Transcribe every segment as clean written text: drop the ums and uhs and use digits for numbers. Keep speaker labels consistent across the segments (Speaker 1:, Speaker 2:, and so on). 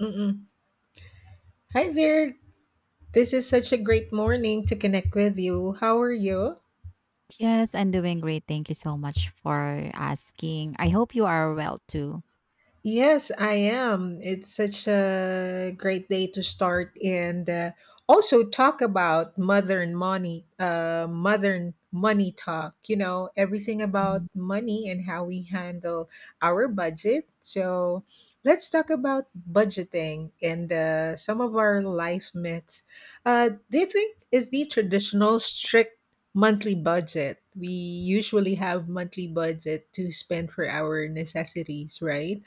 Speaker 1: Mm-mm. Hi there. This is such a great morning to connect with you. How are you?
Speaker 2: Yes, I'm doing great. Thank you so much for asking. I hope you are well too.
Speaker 1: Yes, I am. It's such a great day to start and also talk about modern money talk, everything about
Speaker 2: Mhm.
Speaker 1: money and how we handle our budget. So let's talk about budgeting and some of our life myths. Do you think is the traditional strict monthly budget? We usually have monthly budget to spend for our necessities, right?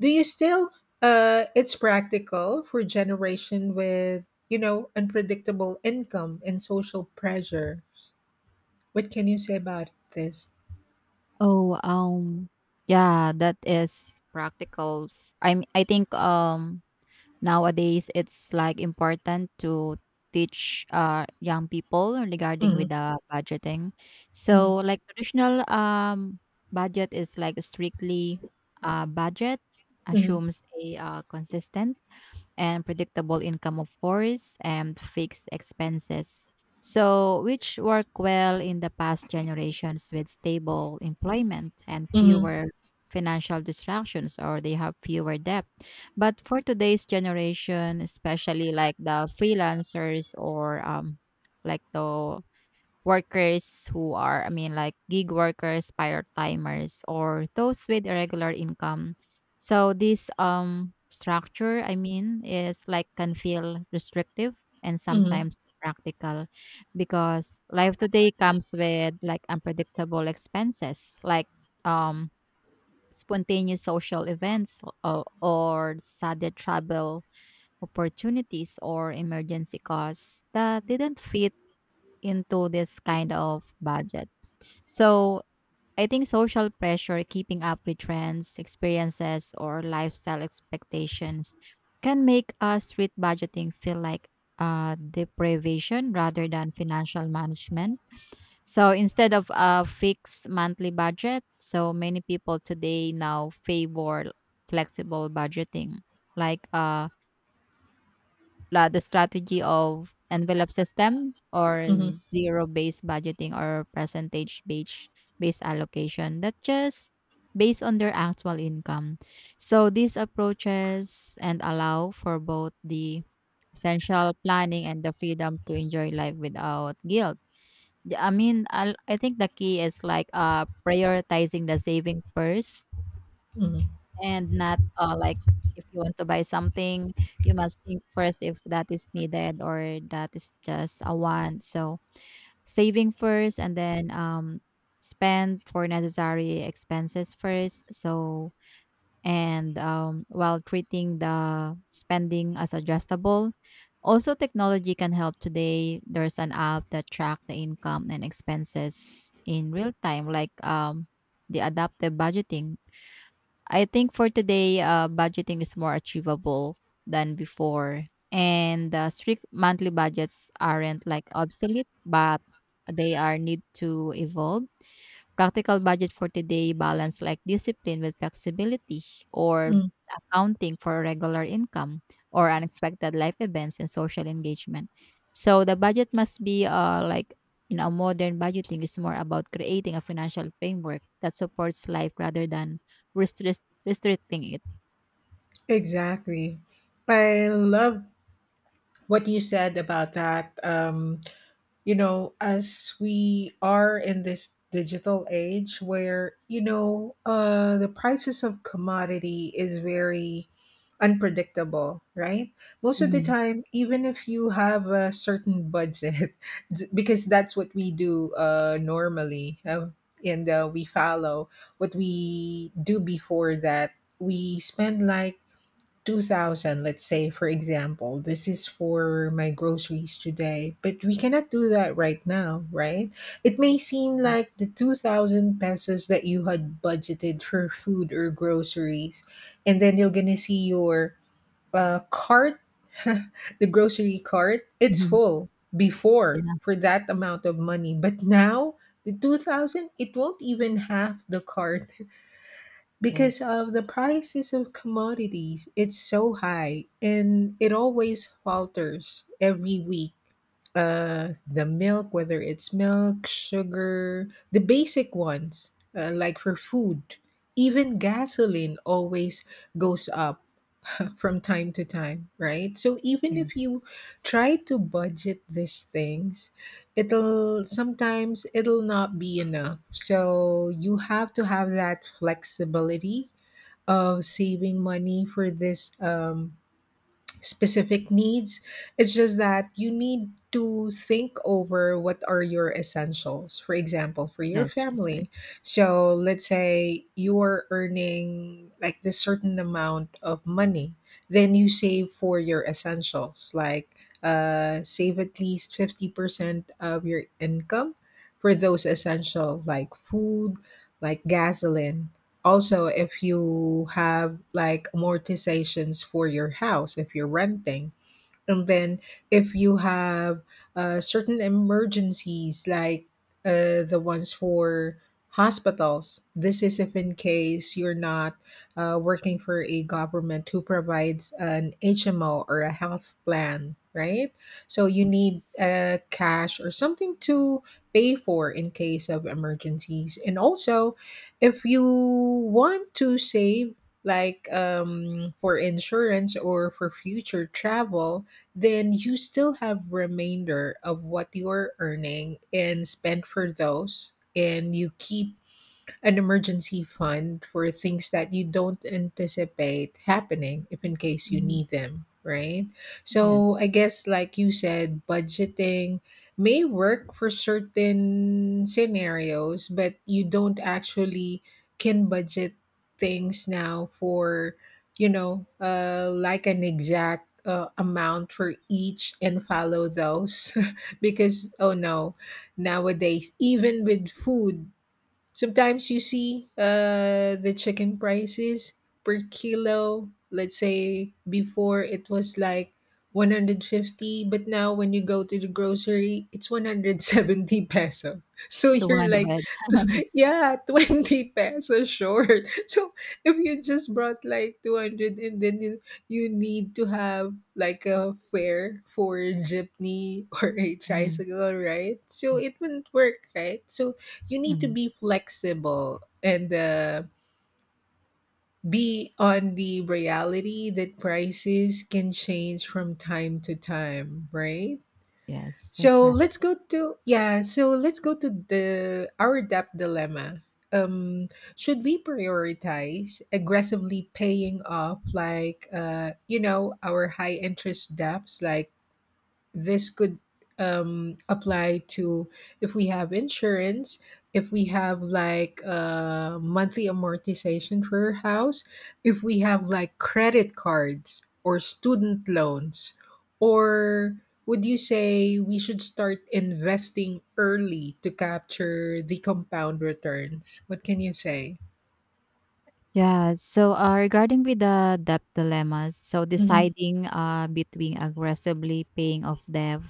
Speaker 1: Do you still it's practical for generation with, unpredictable income and social pressures. What can you say about this?
Speaker 2: Oh, yeah, that is practical. I think nowadays it's like important to teach young people regarding
Speaker 1: Hmm.
Speaker 2: with the budgeting.
Speaker 1: Hmm.
Speaker 2: So like traditional budget is like strictly budget
Speaker 1: Hmm.
Speaker 2: assumes a consistent and predictable income, of course, and fixed expenses. So, which work well in the past generations with stable employment and
Speaker 1: Hmm.
Speaker 2: fewer financial distractions, or they have fewer debt. But for today's generation, especially like the freelancers or like the workers who are, I mean, like gig workers, part timers, or those with irregular income. So this structure, I mean, is like can feel restrictive and
Speaker 1: Hmm.
Speaker 2: sometimes practical because life today comes with like unpredictable expenses like um spontaneous social events or sudden travel opportunities or emergency costs that didn't fit into this kind of budget. So I think social pressure, keeping up with trends, experiences, or lifestyle expectations can make us street budgeting feel like deprivation rather than financial management. So instead of a fixed monthly budget, so many people today now favor flexible budgeting, like the strategy of envelope system or
Speaker 1: Hmm.
Speaker 2: zero-based budgeting or percentage-based based allocation that just based on their actual income. So these approaches and allow for both the essential planning and the freedom to enjoy life without guilt. I mean, I think the key is like prioritizing the saving first
Speaker 1: Hmm.
Speaker 2: and not like if you want to buy something, you must think first if that is needed or that is just a want. So saving first and then spend for necessary expenses first. So and while treating the spending as adjustable. Also technology can help today. There's an app that track the income and expenses in real time like the adaptive budgeting. I think for today, budgeting is more achievable than before. And strict monthly budgets aren't like obsolete, but they are need to evolve. Practical budget for today balance like discipline with flexibility or
Speaker 1: Mm.
Speaker 2: accounting for regular income or unexpected life events and social engagement. So the budget must be like modern budgeting is more about creating a financial framework that supports life rather than restrict restricting it.
Speaker 1: Exactly. I love what you said about that. As we are in this digital age where, the prices of commodity is very unpredictable, right? Most of the
Speaker 2: Hmm.
Speaker 1: time, even if you have a certain budget, because that's what we do normally, and we follow what we do before that, we spend like 2000. Let's say, for example, this is for my groceries today, but we cannot do that right now, right? It may seem like
Speaker 2: Yes.
Speaker 1: the 2000 pesos that you had budgeted for food or groceries, and then you're gonna see your cart, the grocery cart, it's
Speaker 2: Hmm.
Speaker 1: full before
Speaker 2: Yeah.
Speaker 1: for that amount of money, but now the 2000, it won't even have the cart because
Speaker 2: Yes.
Speaker 1: of the prices of commodities, it's so high and it always falters every week. The milk, whether it's milk, sugar, the basic ones, like for food, even gasoline always goes up from time to time, right? So even if
Speaker 2: Yes.
Speaker 1: you try to budget these things, it'll sometimes it'll not be enough, so you have to have that flexibility of saving money for this specific needs. It's just that you need to think over what are your essentials. For example, for your
Speaker 2: Yes. That's right.
Speaker 1: family. So let's say you are earning like this certain amount of money, then you save for your essentials, like save at least 50% of your income for those essential like food, like gasoline. Also, if you have like amortizations for your house, if you're renting, and then if you have certain emergencies like the ones for hospitals, this is if in case you're not working for a government who provides an HMO or a health plan, right? So you need
Speaker 2: Yes.
Speaker 1: cash or something to pay for in case of emergencies. And also, if you want to save like for insurance or for future travel, then you still have remainder of what you're earning and spend for those, and you keep an emergency fund for things that you don't anticipate happening if in case you
Speaker 2: Hmm.
Speaker 1: need them, right? So I
Speaker 2: Yes.
Speaker 1: guess like you said, budgeting may work for certain scenarios, but you don't actually can budget things now for like an exact amount for each and follow those. Because, oh no, nowadays, even with food, sometimes you see the chicken prices per kilo. Let's say before it was like 150, but now when you go to the grocery, it's 170 peso. So
Speaker 2: The
Speaker 1: you're
Speaker 2: one
Speaker 1: like,
Speaker 2: red.
Speaker 1: yeah, 20 pesos short. So if you just brought like 200 and then you need to have like a fare for jeepney, or a
Speaker 2: Hmm.
Speaker 1: tricycle, right? So it wouldn't work, right? So you need to
Speaker 2: Hmm.
Speaker 1: be flexible and be on the reality that prices can change from time to time, right?
Speaker 2: Yes. That's
Speaker 1: So
Speaker 2: right.
Speaker 1: let's go to yeah, so let's go to the our debt dilemma. Um, should we prioritize aggressively paying off like our high interest debts, like this could apply to if we have insurance, if we have like monthly amortization for our house, if we have like credit cards or student loans, or would you say we should start investing early to capture the compound returns? What can you say?
Speaker 2: Yeah. So, regarding with the debt dilemmas, so
Speaker 1: Mhm,
Speaker 2: deciding between aggressively paying off debt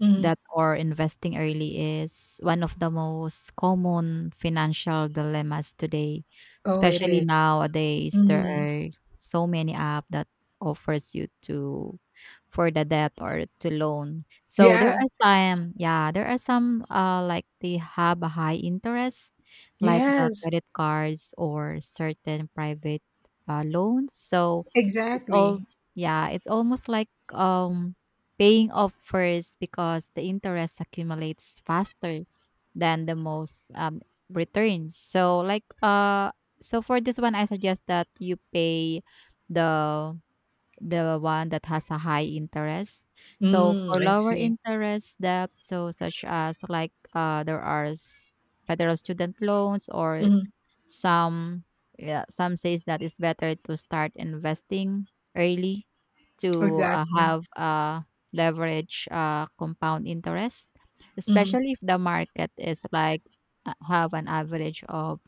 Speaker 1: mhm.
Speaker 2: that or investing early is one of the most common financial dilemmas today,
Speaker 1: Oh, it
Speaker 2: especially
Speaker 1: is.
Speaker 2: nowadays there
Speaker 1: Mhm.
Speaker 2: are so many apps that offers you to for the debt or to loan. So there
Speaker 1: Yeah.
Speaker 2: are some, yeah, there are some like they have a high interest, like the
Speaker 1: Yes.
Speaker 2: credit cards or certain private loans. So it's all,
Speaker 1: Exactly.
Speaker 2: yeah, it's almost like paying off first because the interest accumulates faster than the most returns. So like so for this one I suggest that you pay the the one that has a high interest. So
Speaker 1: Mm,
Speaker 2: for
Speaker 1: I
Speaker 2: lower
Speaker 1: see.
Speaker 2: interest debt, so such as like there are federal student loans or some, yeah, some says that it's better to start investing early to
Speaker 1: Exactly.
Speaker 2: have leverage compound interest,
Speaker 1: Mhm.
Speaker 2: especially if the market is like have an average of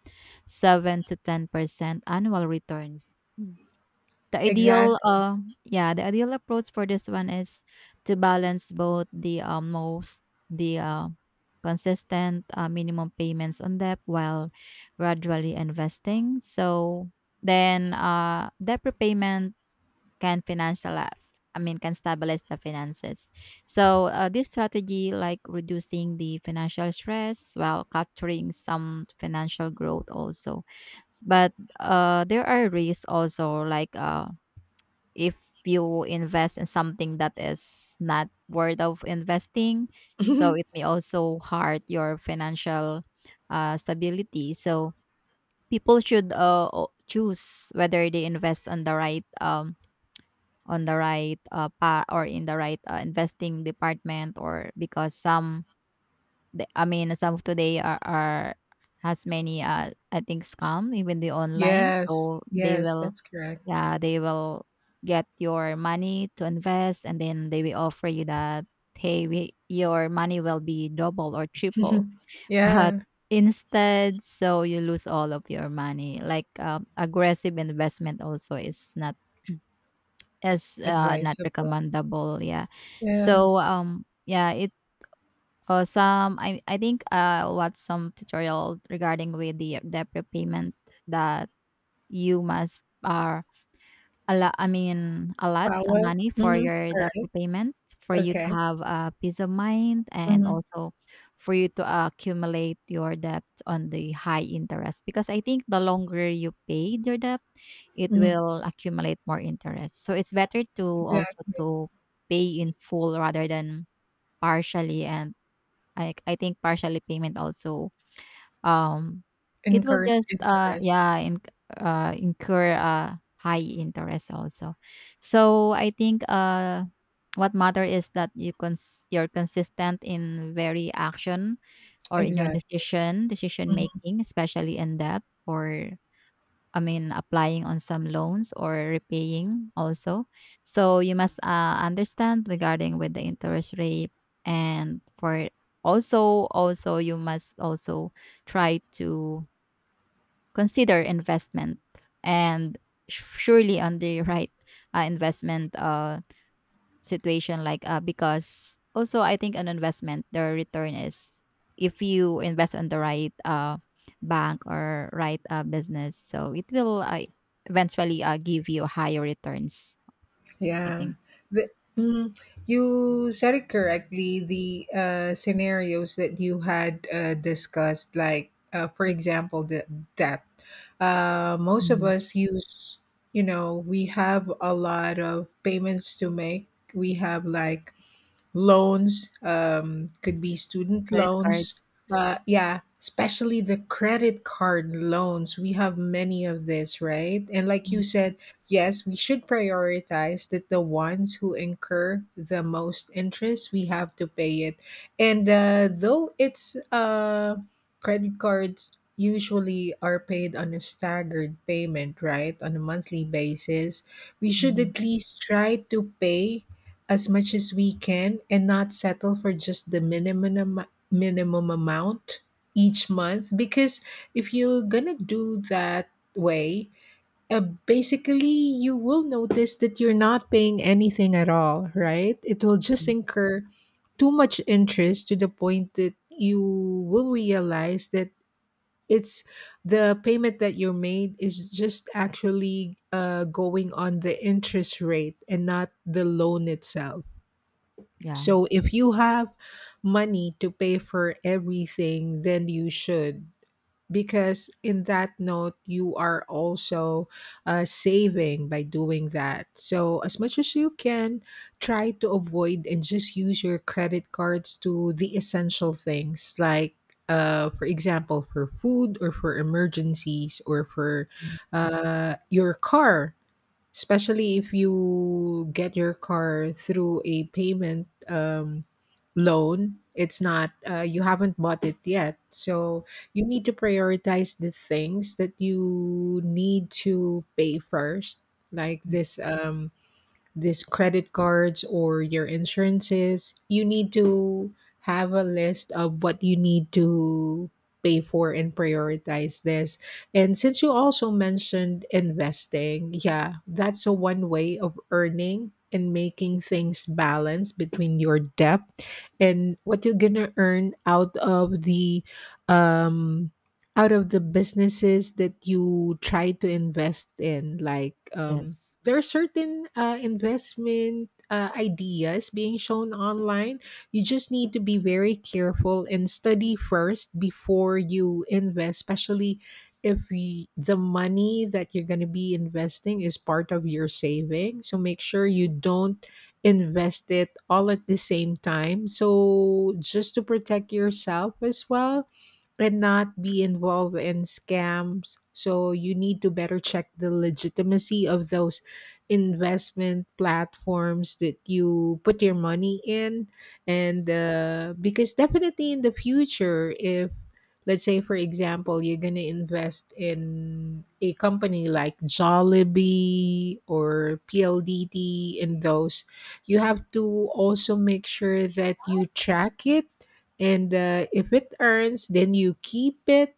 Speaker 2: 7 to 10% annual returns. Mm. The ideal
Speaker 1: Exactly.
Speaker 2: uh, yeah, the ideal approach for this one is to balance both the consistent minimum payments on debt while gradually investing. So then debt repayment can financial I mean can stabilize the finances. So this strategy like reducing the financial stress while capturing some financial growth also. But there are risks also like if you invest in something that is not worth of investing, so it may also hurt your financial stability. So people should choose whether they invest on the right pa or in the right investing department, or because I mean some of today are, has many I think scam even the online.
Speaker 1: Yes.
Speaker 2: So they
Speaker 1: Yes,
Speaker 2: will,
Speaker 1: that's correct.
Speaker 2: yeah, they will get your money to invest and then they will offer you that hey, your money will be double or triple but
Speaker 1: Yeah.
Speaker 2: instead so you lose all of your money, like aggressive investment also is not
Speaker 1: Advisable.
Speaker 2: recommendable, yeah. So
Speaker 1: Yes.
Speaker 2: yeah it some I think watched some tutorial regarding with the debt repayment that you must are a lot, I mean a lot of
Speaker 1: Power.
Speaker 2: money for
Speaker 1: Mhm.
Speaker 2: your
Speaker 1: All
Speaker 2: debt
Speaker 1: right.
Speaker 2: repayment for you to
Speaker 1: Okay.
Speaker 2: have a peace of mind, and
Speaker 1: Mhm.
Speaker 2: also for you to accumulate your debt on the high interest because I think the longer you paid your debt it
Speaker 1: Mhm.
Speaker 2: will accumulate more interest. So it's better to also
Speaker 1: Exactly.
Speaker 2: to pay in full rather than partially, and I think partially payment also um it will
Speaker 1: Incurs
Speaker 2: just
Speaker 1: interest.
Speaker 2: incur high interest also. So I think what matter is that you you're consistent in very action or in your
Speaker 1: Exactly.
Speaker 2: decision making, especially in debt or, I mean, applying on some loans or repaying also. So you must understand regarding with the interest rate, and for also you must also try to consider investment and surely on the right investment situation, like because also I think an investment the return is, if you invest on the right bank or right business, so it will eventually give you higher returns, I
Speaker 1: Yeah.
Speaker 2: think.
Speaker 1: The, mm, you said it correctly. The scenarios that you had discussed, like, for example, the, that most of
Speaker 2: Mhm.
Speaker 1: us use, we have a lot of payments to make. We have like loans, could be student
Speaker 2: Credit
Speaker 1: loans.
Speaker 2: cards.
Speaker 1: Yeah, especially the credit card loans. We have many of this, right? And like
Speaker 2: Mm.
Speaker 1: you said, yes, we should prioritize that the ones who incur the most interest, we have to pay it. And though it's credit cards usually are paid on a staggered payment, right? On a monthly basis, we should
Speaker 2: Mhm.
Speaker 1: at least try to pay as much as we can and not settle for just the minimum amount each month, because if you're going to do that way, basically you will notice that you're not paying anything at all, right. It will just
Speaker 2: Mm,
Speaker 1: incur too much interest to the point that you will realize that it's the payment that you made is just actually going on the interest rate and not the loan itself.
Speaker 2: yeah.
Speaker 1: So if you have money to pay for everything, then you should. Because in that note, you are also saving by doing that. So, as much as you can, try to avoid and just use your credit cards to the essential things, like, for example, for food or for emergencies or for
Speaker 2: Mm.
Speaker 1: your car, especially if you get your car through a payment loan, it's not you haven't bought it yet, so you need to prioritize the things that you need to pay first, like this these credit cards or your insurances. You need to have a list of what you need to pay for and prioritize this. And since you also mentioned investing, yeah, that's a one way of earning and making things balance between your debt and what you're gonna earn out of the um businesses that you try to invest in, like
Speaker 2: Yes.
Speaker 1: there are certain investment ideas being shown online. You just need to be very careful and study first before you invest, especially if the money that you're going to be investing is part of your saving. So make sure you don't invest it all at the same time. So just to protect yourself as well and not be involved in scams. So you need to better check the legitimacy of those investment platforms that you put your money in. And
Speaker 2: Yes.
Speaker 1: because definitely in the future, if let's say, for example, you're going to invest in a company like Jollibee or PLDT, and those, you have to also make sure that you track it, and if it earns, then you keep it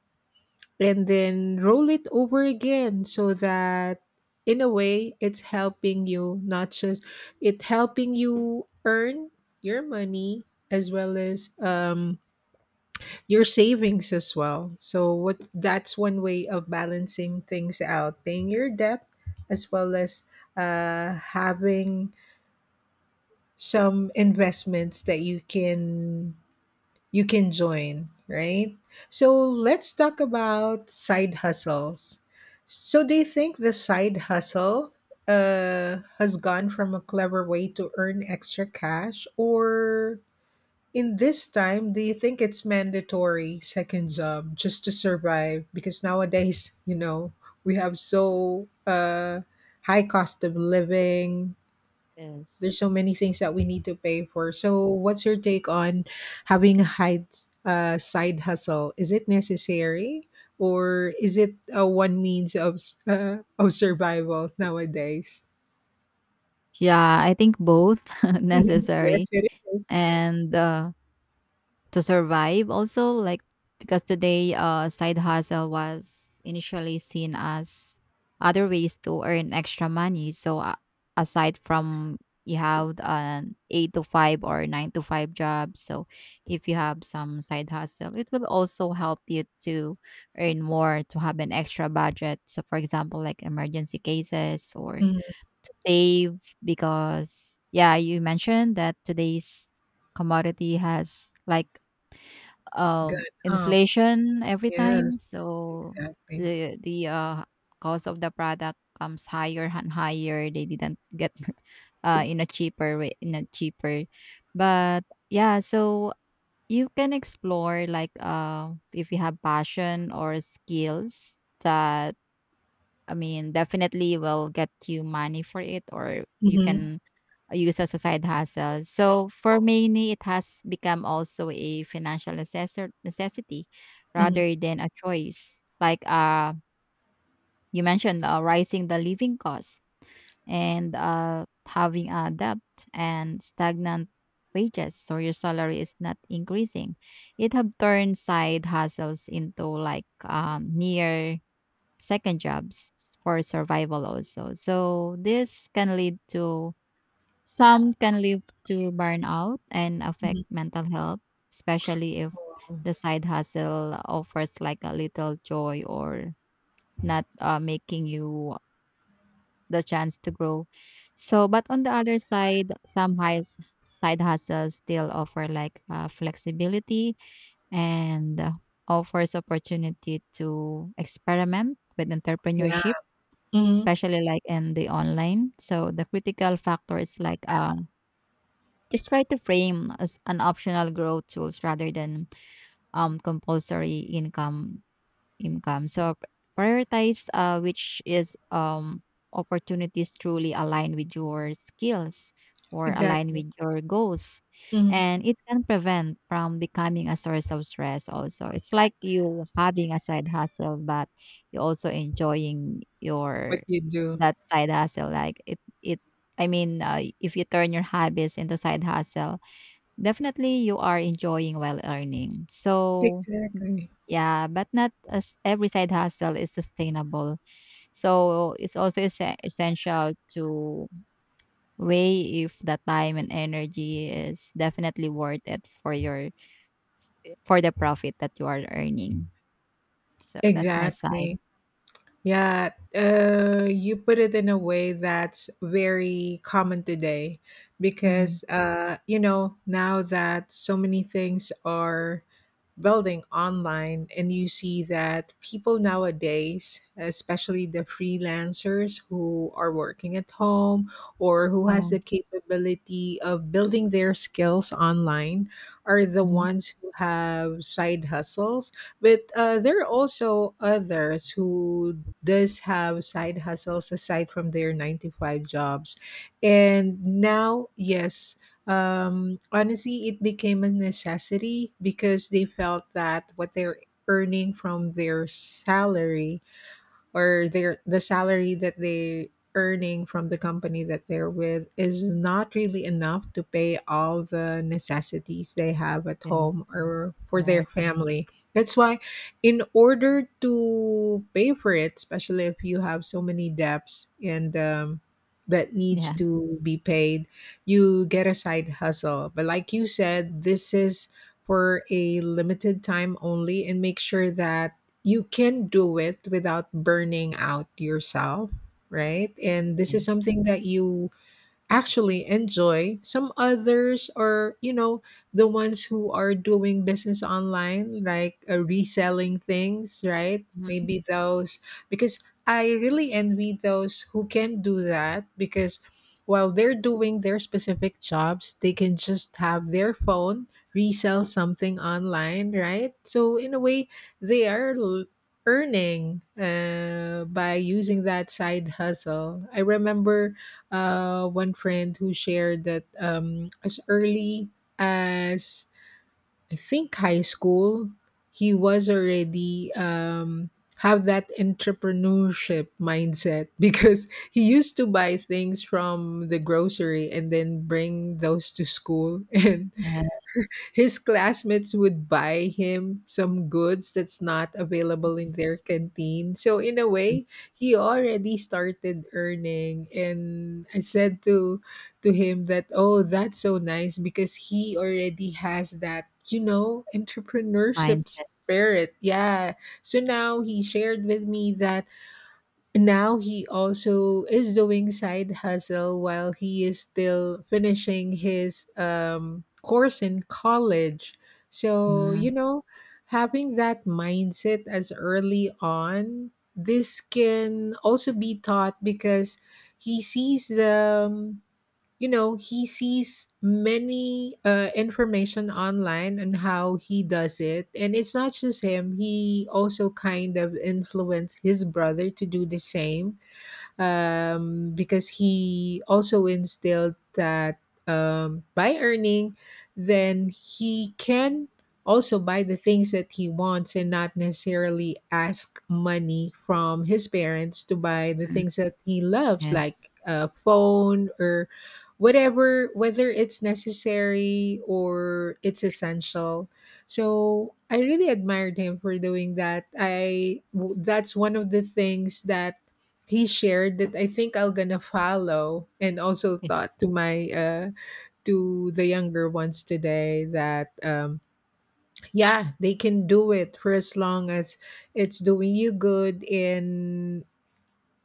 Speaker 1: and then roll it over again, so that in a way it's helping you, not just it helping you earn your money, as well as your savings as well. So what that's one way of balancing things out, paying your debt as well as having some investments that you can join, right? So let's talk about side hustles. So do you think the side hustle has gone from a clever way to earn extra cash, or in this time, do you think it's mandatory second job just to survive? Because nowadays, we have so high cost of living,
Speaker 2: Yes.
Speaker 1: there's so many things that we need to pay for. So, what's your take on having a side hustle? Is it necessary, or is it a one means of of survival nowadays?
Speaker 2: Yeah, I think both necessary.
Speaker 1: Yes, it is.
Speaker 2: And to survive also, like because today side hustle was initially seen as other ways to earn extra money. So aside from you have an 8 to 5 or 9 to 5 job, so if you have some side hustle it will also help you to earn more, to have an extra budget, so for example like emergency cases or
Speaker 1: Mm.
Speaker 2: to save, because yeah, you mentioned that today's commodity has like
Speaker 1: Good.
Speaker 2: inflation every
Speaker 1: Yes,
Speaker 2: time. So
Speaker 1: exactly.
Speaker 2: the cost of the product comes higher and higher, they didn't get in a cheaper way, in a cheaper, but yeah. So you can explore, like if you have passion or skills that, I mean, definitely will get you money for it, or you
Speaker 1: Mm-hmm.
Speaker 2: can use as a side hustle. So for many, it has become also a financial necessity
Speaker 1: Mm-hmm.
Speaker 2: rather than a choice. Like you mentioned, rising the living cost and having a debt and stagnant wages, so your salary is not increasing. It have turned side hustles into like near second jobs for survival also. So this can lead to some, can lead to burnout and
Speaker 1: Hmm.
Speaker 2: affect mental health, especially if
Speaker 1: Wow.
Speaker 2: the side hustle offers like a little joy or not making you the chance to grow. So, but on the other side, some high side hustles still offer like flexibility and offers opportunity to experiment with
Speaker 1: Yeah.
Speaker 2: entrepreneurship,
Speaker 1: Mm-hmm.
Speaker 2: especially like in the online. So the critical factor is like just try to frame as an optional growth tools rather than compulsory income. Income. So prioritize which is opportunities truly align with your skills or align
Speaker 1: Exactly.
Speaker 2: with your goals.
Speaker 1: Mm-hmm.
Speaker 2: And it can prevent from becoming a source of stress also. It's like you having a side hustle, but you also enjoying
Speaker 1: What
Speaker 2: your
Speaker 1: you do.
Speaker 2: that side hustle. Like it I mean, if you turn your hobbies into side hustle, definitely you are enjoying while earning. So
Speaker 1: Exactly.
Speaker 2: yeah, but not as every side hustle is sustainable. So it's also essential to weigh if the time and energy is definitely worth it for your, for the profit that you are earning. So that's my side.
Speaker 1: Exactly. Yeah, you put it in a way that's very common today
Speaker 2: Hmm.
Speaker 1: because, now that so many things are building online, and you see that people nowadays, especially the freelancers who are working at home or who has
Speaker 2: Yeah.
Speaker 1: the capability of building their skills online, are the
Speaker 2: Hmm.
Speaker 1: ones who have side hustles, but there are also others who does have side hustles aside from their 9 to 5 jobs, and now, yes, honestly, it became a necessity because they felt that what they're earning from their salary, or the salary that they earning from the company that they're with is not really enough to pay all the necessities they have at home
Speaker 2: Yes.
Speaker 1: or
Speaker 2: All
Speaker 1: for their
Speaker 2: right.
Speaker 1: family. That's why in order to pay for it, especially if you have so many debts and that needs
Speaker 2: Yeah.
Speaker 1: to be paid, you get a side hustle. But like you said, this is for a limited time only and make sure that you can do it without burning out yourself, right? And this is
Speaker 2: Yes.
Speaker 1: something that you actually enjoy. Some others are, the ones who are doing business online, like reselling things, right?
Speaker 2: Mhm.
Speaker 1: Maybe those, because I really envy those who can do that because while they're doing their specific jobs, they can just have their phone resell something online, right? So, in a way, they are l- earning by using that side hustle. I remember one friend who shared that as early as I think high school, he was already have that entrepreneurship mindset because he used to buy things from the grocery and then bring those to school and
Speaker 2: Yes.
Speaker 1: his classmates would buy him some goods that's not available in their canteen. So in a
Speaker 2: Mhm.
Speaker 1: way, he already started earning and I said to him that oh, that's so nice because he already has that, entrepreneurship
Speaker 2: Mindset.
Speaker 1: spirit. Yeah. So now he shared with me that now he also is doing side hustle while he is still finishing his course in college. So, you
Speaker 2: Mhm.
Speaker 1: know, having that mindset as early on, this can also be taught because he sees the you know he sees many information online and how he does it, and it's not just him, he also kind of influenced his brother to do the same. Because he also instilled that by earning, then he can also buy the things that he wants and not necessarily ask money from his parents to buy the things that he loves, like
Speaker 2: Yes.
Speaker 1: a phone or whatever, whether it's necessary or it's essential. So I really admired him for doing that. That's one of the things that he shared that I think I'll gonna follow and also thought to my to the younger ones today that yeah, they can do it for as long as it's doing you good and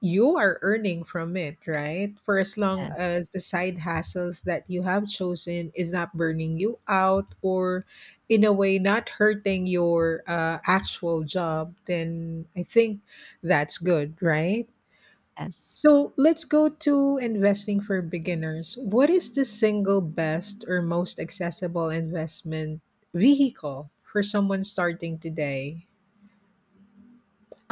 Speaker 1: you are earning from it, right? For as long
Speaker 2: Yes.
Speaker 1: as the side hassles that you have chosen is not burning you out or in a way not hurting your actual job, then I think that's good, right?
Speaker 2: Yes.
Speaker 1: So let's go to investing for beginners. What is the single best or most accessible investment vehicle for someone starting today?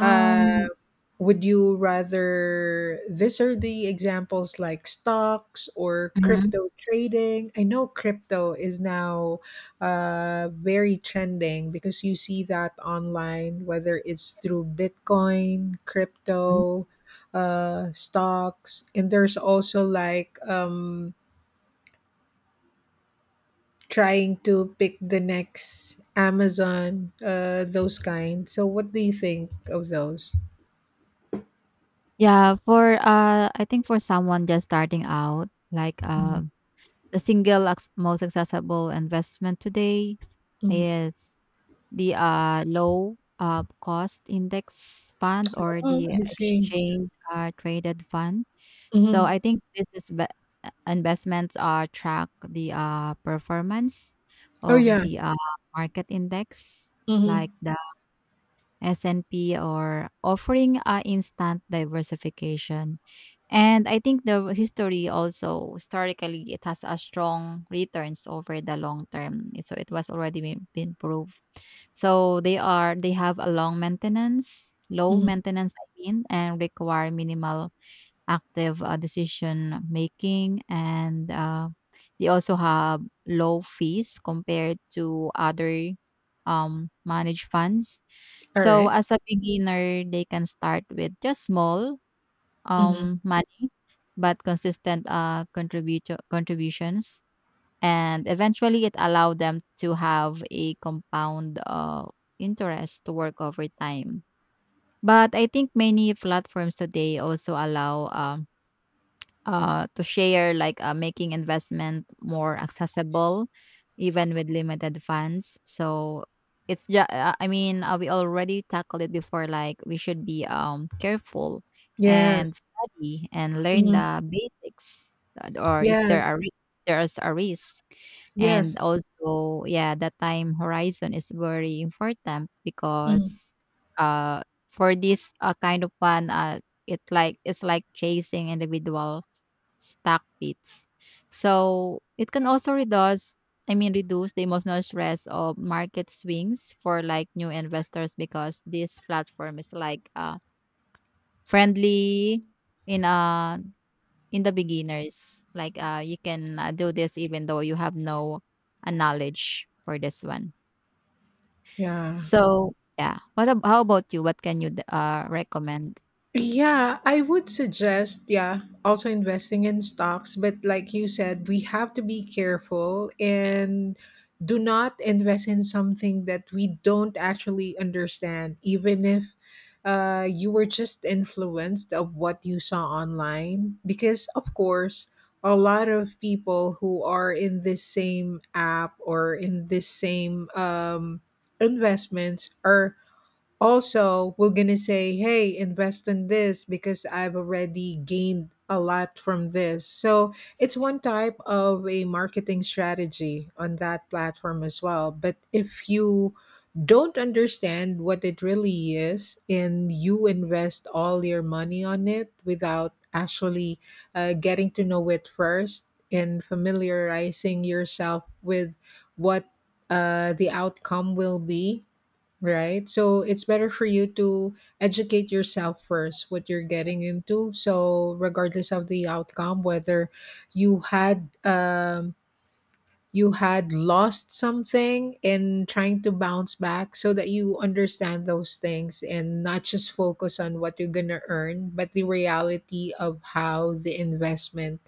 Speaker 1: Uh, would you rather, these are the examples, like stocks or
Speaker 2: Mhm.
Speaker 1: crypto trading? I know crypto is now very trending because you see that online, whether it's through Bitcoin, crypto, stocks, and there's also like trying to pick the next Amazon, those kinds. So, what do you think of those?
Speaker 2: Yeah, for, I think for someone just starting out, like, the single acc most accessible investment today
Speaker 1: Mhm.
Speaker 2: is the, low, cost index fund or
Speaker 1: Oh,
Speaker 2: the
Speaker 1: I see.
Speaker 2: exchange, traded fund. So
Speaker 1: Mhm.
Speaker 2: I think this is investments are track the, performance
Speaker 1: Oh,
Speaker 2: of
Speaker 1: yeah.
Speaker 2: the, market index, like
Speaker 1: Mhm.
Speaker 2: the S&P, or offering a instant diversification. And I think the history also, historically it has a strong returns over the long term. So it was already been proved. So they are, they have a long maintenance, low
Speaker 1: Mhm.
Speaker 2: maintenance I mean, and require minimal active decision making. And they also have low fees compared to other managed funds. So
Speaker 1: Alright.
Speaker 2: as a beginner they can start with just small
Speaker 1: Mhm.
Speaker 2: money, but consistent contributor contributions, and eventually it allowed them to have a compound interest to work over time. But I think many platforms today also allow to share, like making investment more accessible, even with limited funds. So it's just, I mean, we already tackled it before. Like we should be careful
Speaker 1: Yes.
Speaker 2: and study and learn
Speaker 1: Mhm.
Speaker 2: the basics, or if there are
Speaker 1: Yes.
Speaker 2: there's a risk, and
Speaker 1: Yes.
Speaker 2: also yeah, the time horizon is very important,
Speaker 1: Mhm.
Speaker 2: because uh for this kind of one it, like it's like chasing individual stuck fits. So it can also reduce, I mean, reduce the emotional stress of market swings for like new investors, because this platform is like friendly in uh in the beginners. Like you can do this even though you have no knowledge for this one.
Speaker 1: Yeah.
Speaker 2: So yeah, what how about you? What can you recommend?
Speaker 1: Yeah, I would suggest, yeah, also investing in stocks. But like you said, we have to be careful and do not invest in something that we don't actually understand, even if you were just influenced of what you saw online. Because, of course, a lot of people who are in this same app or in this same investments are also, we're going to say, hey, invest in this because I've already gained a lot from this. So it's one type of a marketing strategy on that platform as well. But if you don't understand what it really is and you invest all your money on it without actually getting to know it first and familiarizing yourself with what the outcome will be, right? So it's better for you to educate yourself first, what you're getting into. So, regardless of the outcome, whether you had um, you had lost something and trying to bounce back so that you understand those things and not just focus on what you're going to earn, but the reality of how the investment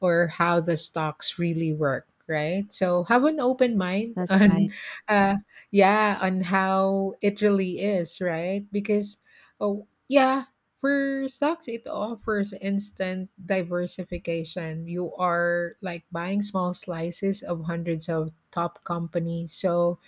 Speaker 1: or how the stocks really work, right? So have an open
Speaker 2: Yes,
Speaker 1: mind
Speaker 2: that's
Speaker 1: on
Speaker 2: right.
Speaker 1: uh yeah, on how it really is, right? Because oh yeah, for stocks, it offers instant diversification. You are like buying small slices of hundreds of top companies. So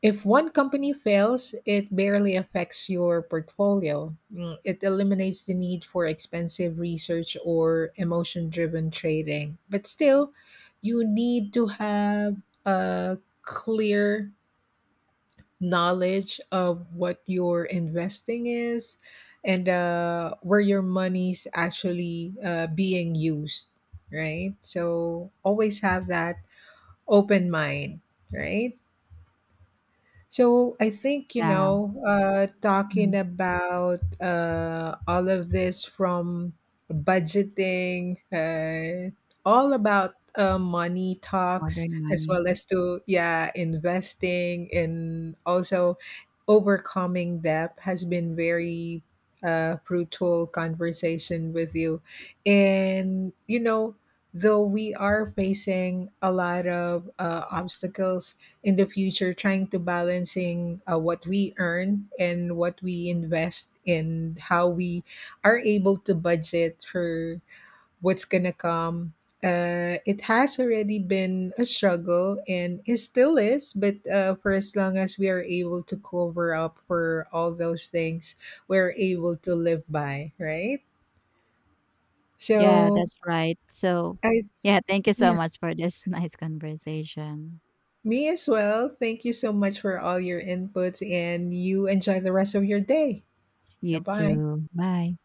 Speaker 1: if one company fails, it barely affects your portfolio. It eliminates the need for expensive research or emotion driven trading. But still, you need to have a clear knowledge of what your investing is and where your money's actually being used, right? So always have that open mind, right? So I think, you
Speaker 2: Yeah.
Speaker 1: know, talking
Speaker 2: Mhm.
Speaker 1: about all of this from budgeting, all about money talks,
Speaker 2: Modern
Speaker 1: as
Speaker 2: money.
Speaker 1: well as to, yeah, investing and also overcoming debt has been very fruitful conversation with you. And, you know, though we are facing a lot of obstacles in the future trying to balancing what we earn and what we invest and how we are able to budget for what's gonna come, it has already been a struggle and it still is, but for as long as we are able to cover up for all those things, we're able to live by, right?
Speaker 2: Yeah,
Speaker 1: so
Speaker 2: that's right. So,
Speaker 1: I
Speaker 2: yeah, thank you so
Speaker 1: yeah,
Speaker 2: much for this nice conversation.
Speaker 1: me as well, thank you so much for all your inputs and you enjoy the rest of your day. 拜
Speaker 2: You
Speaker 1: 拜。
Speaker 2: too. Bye.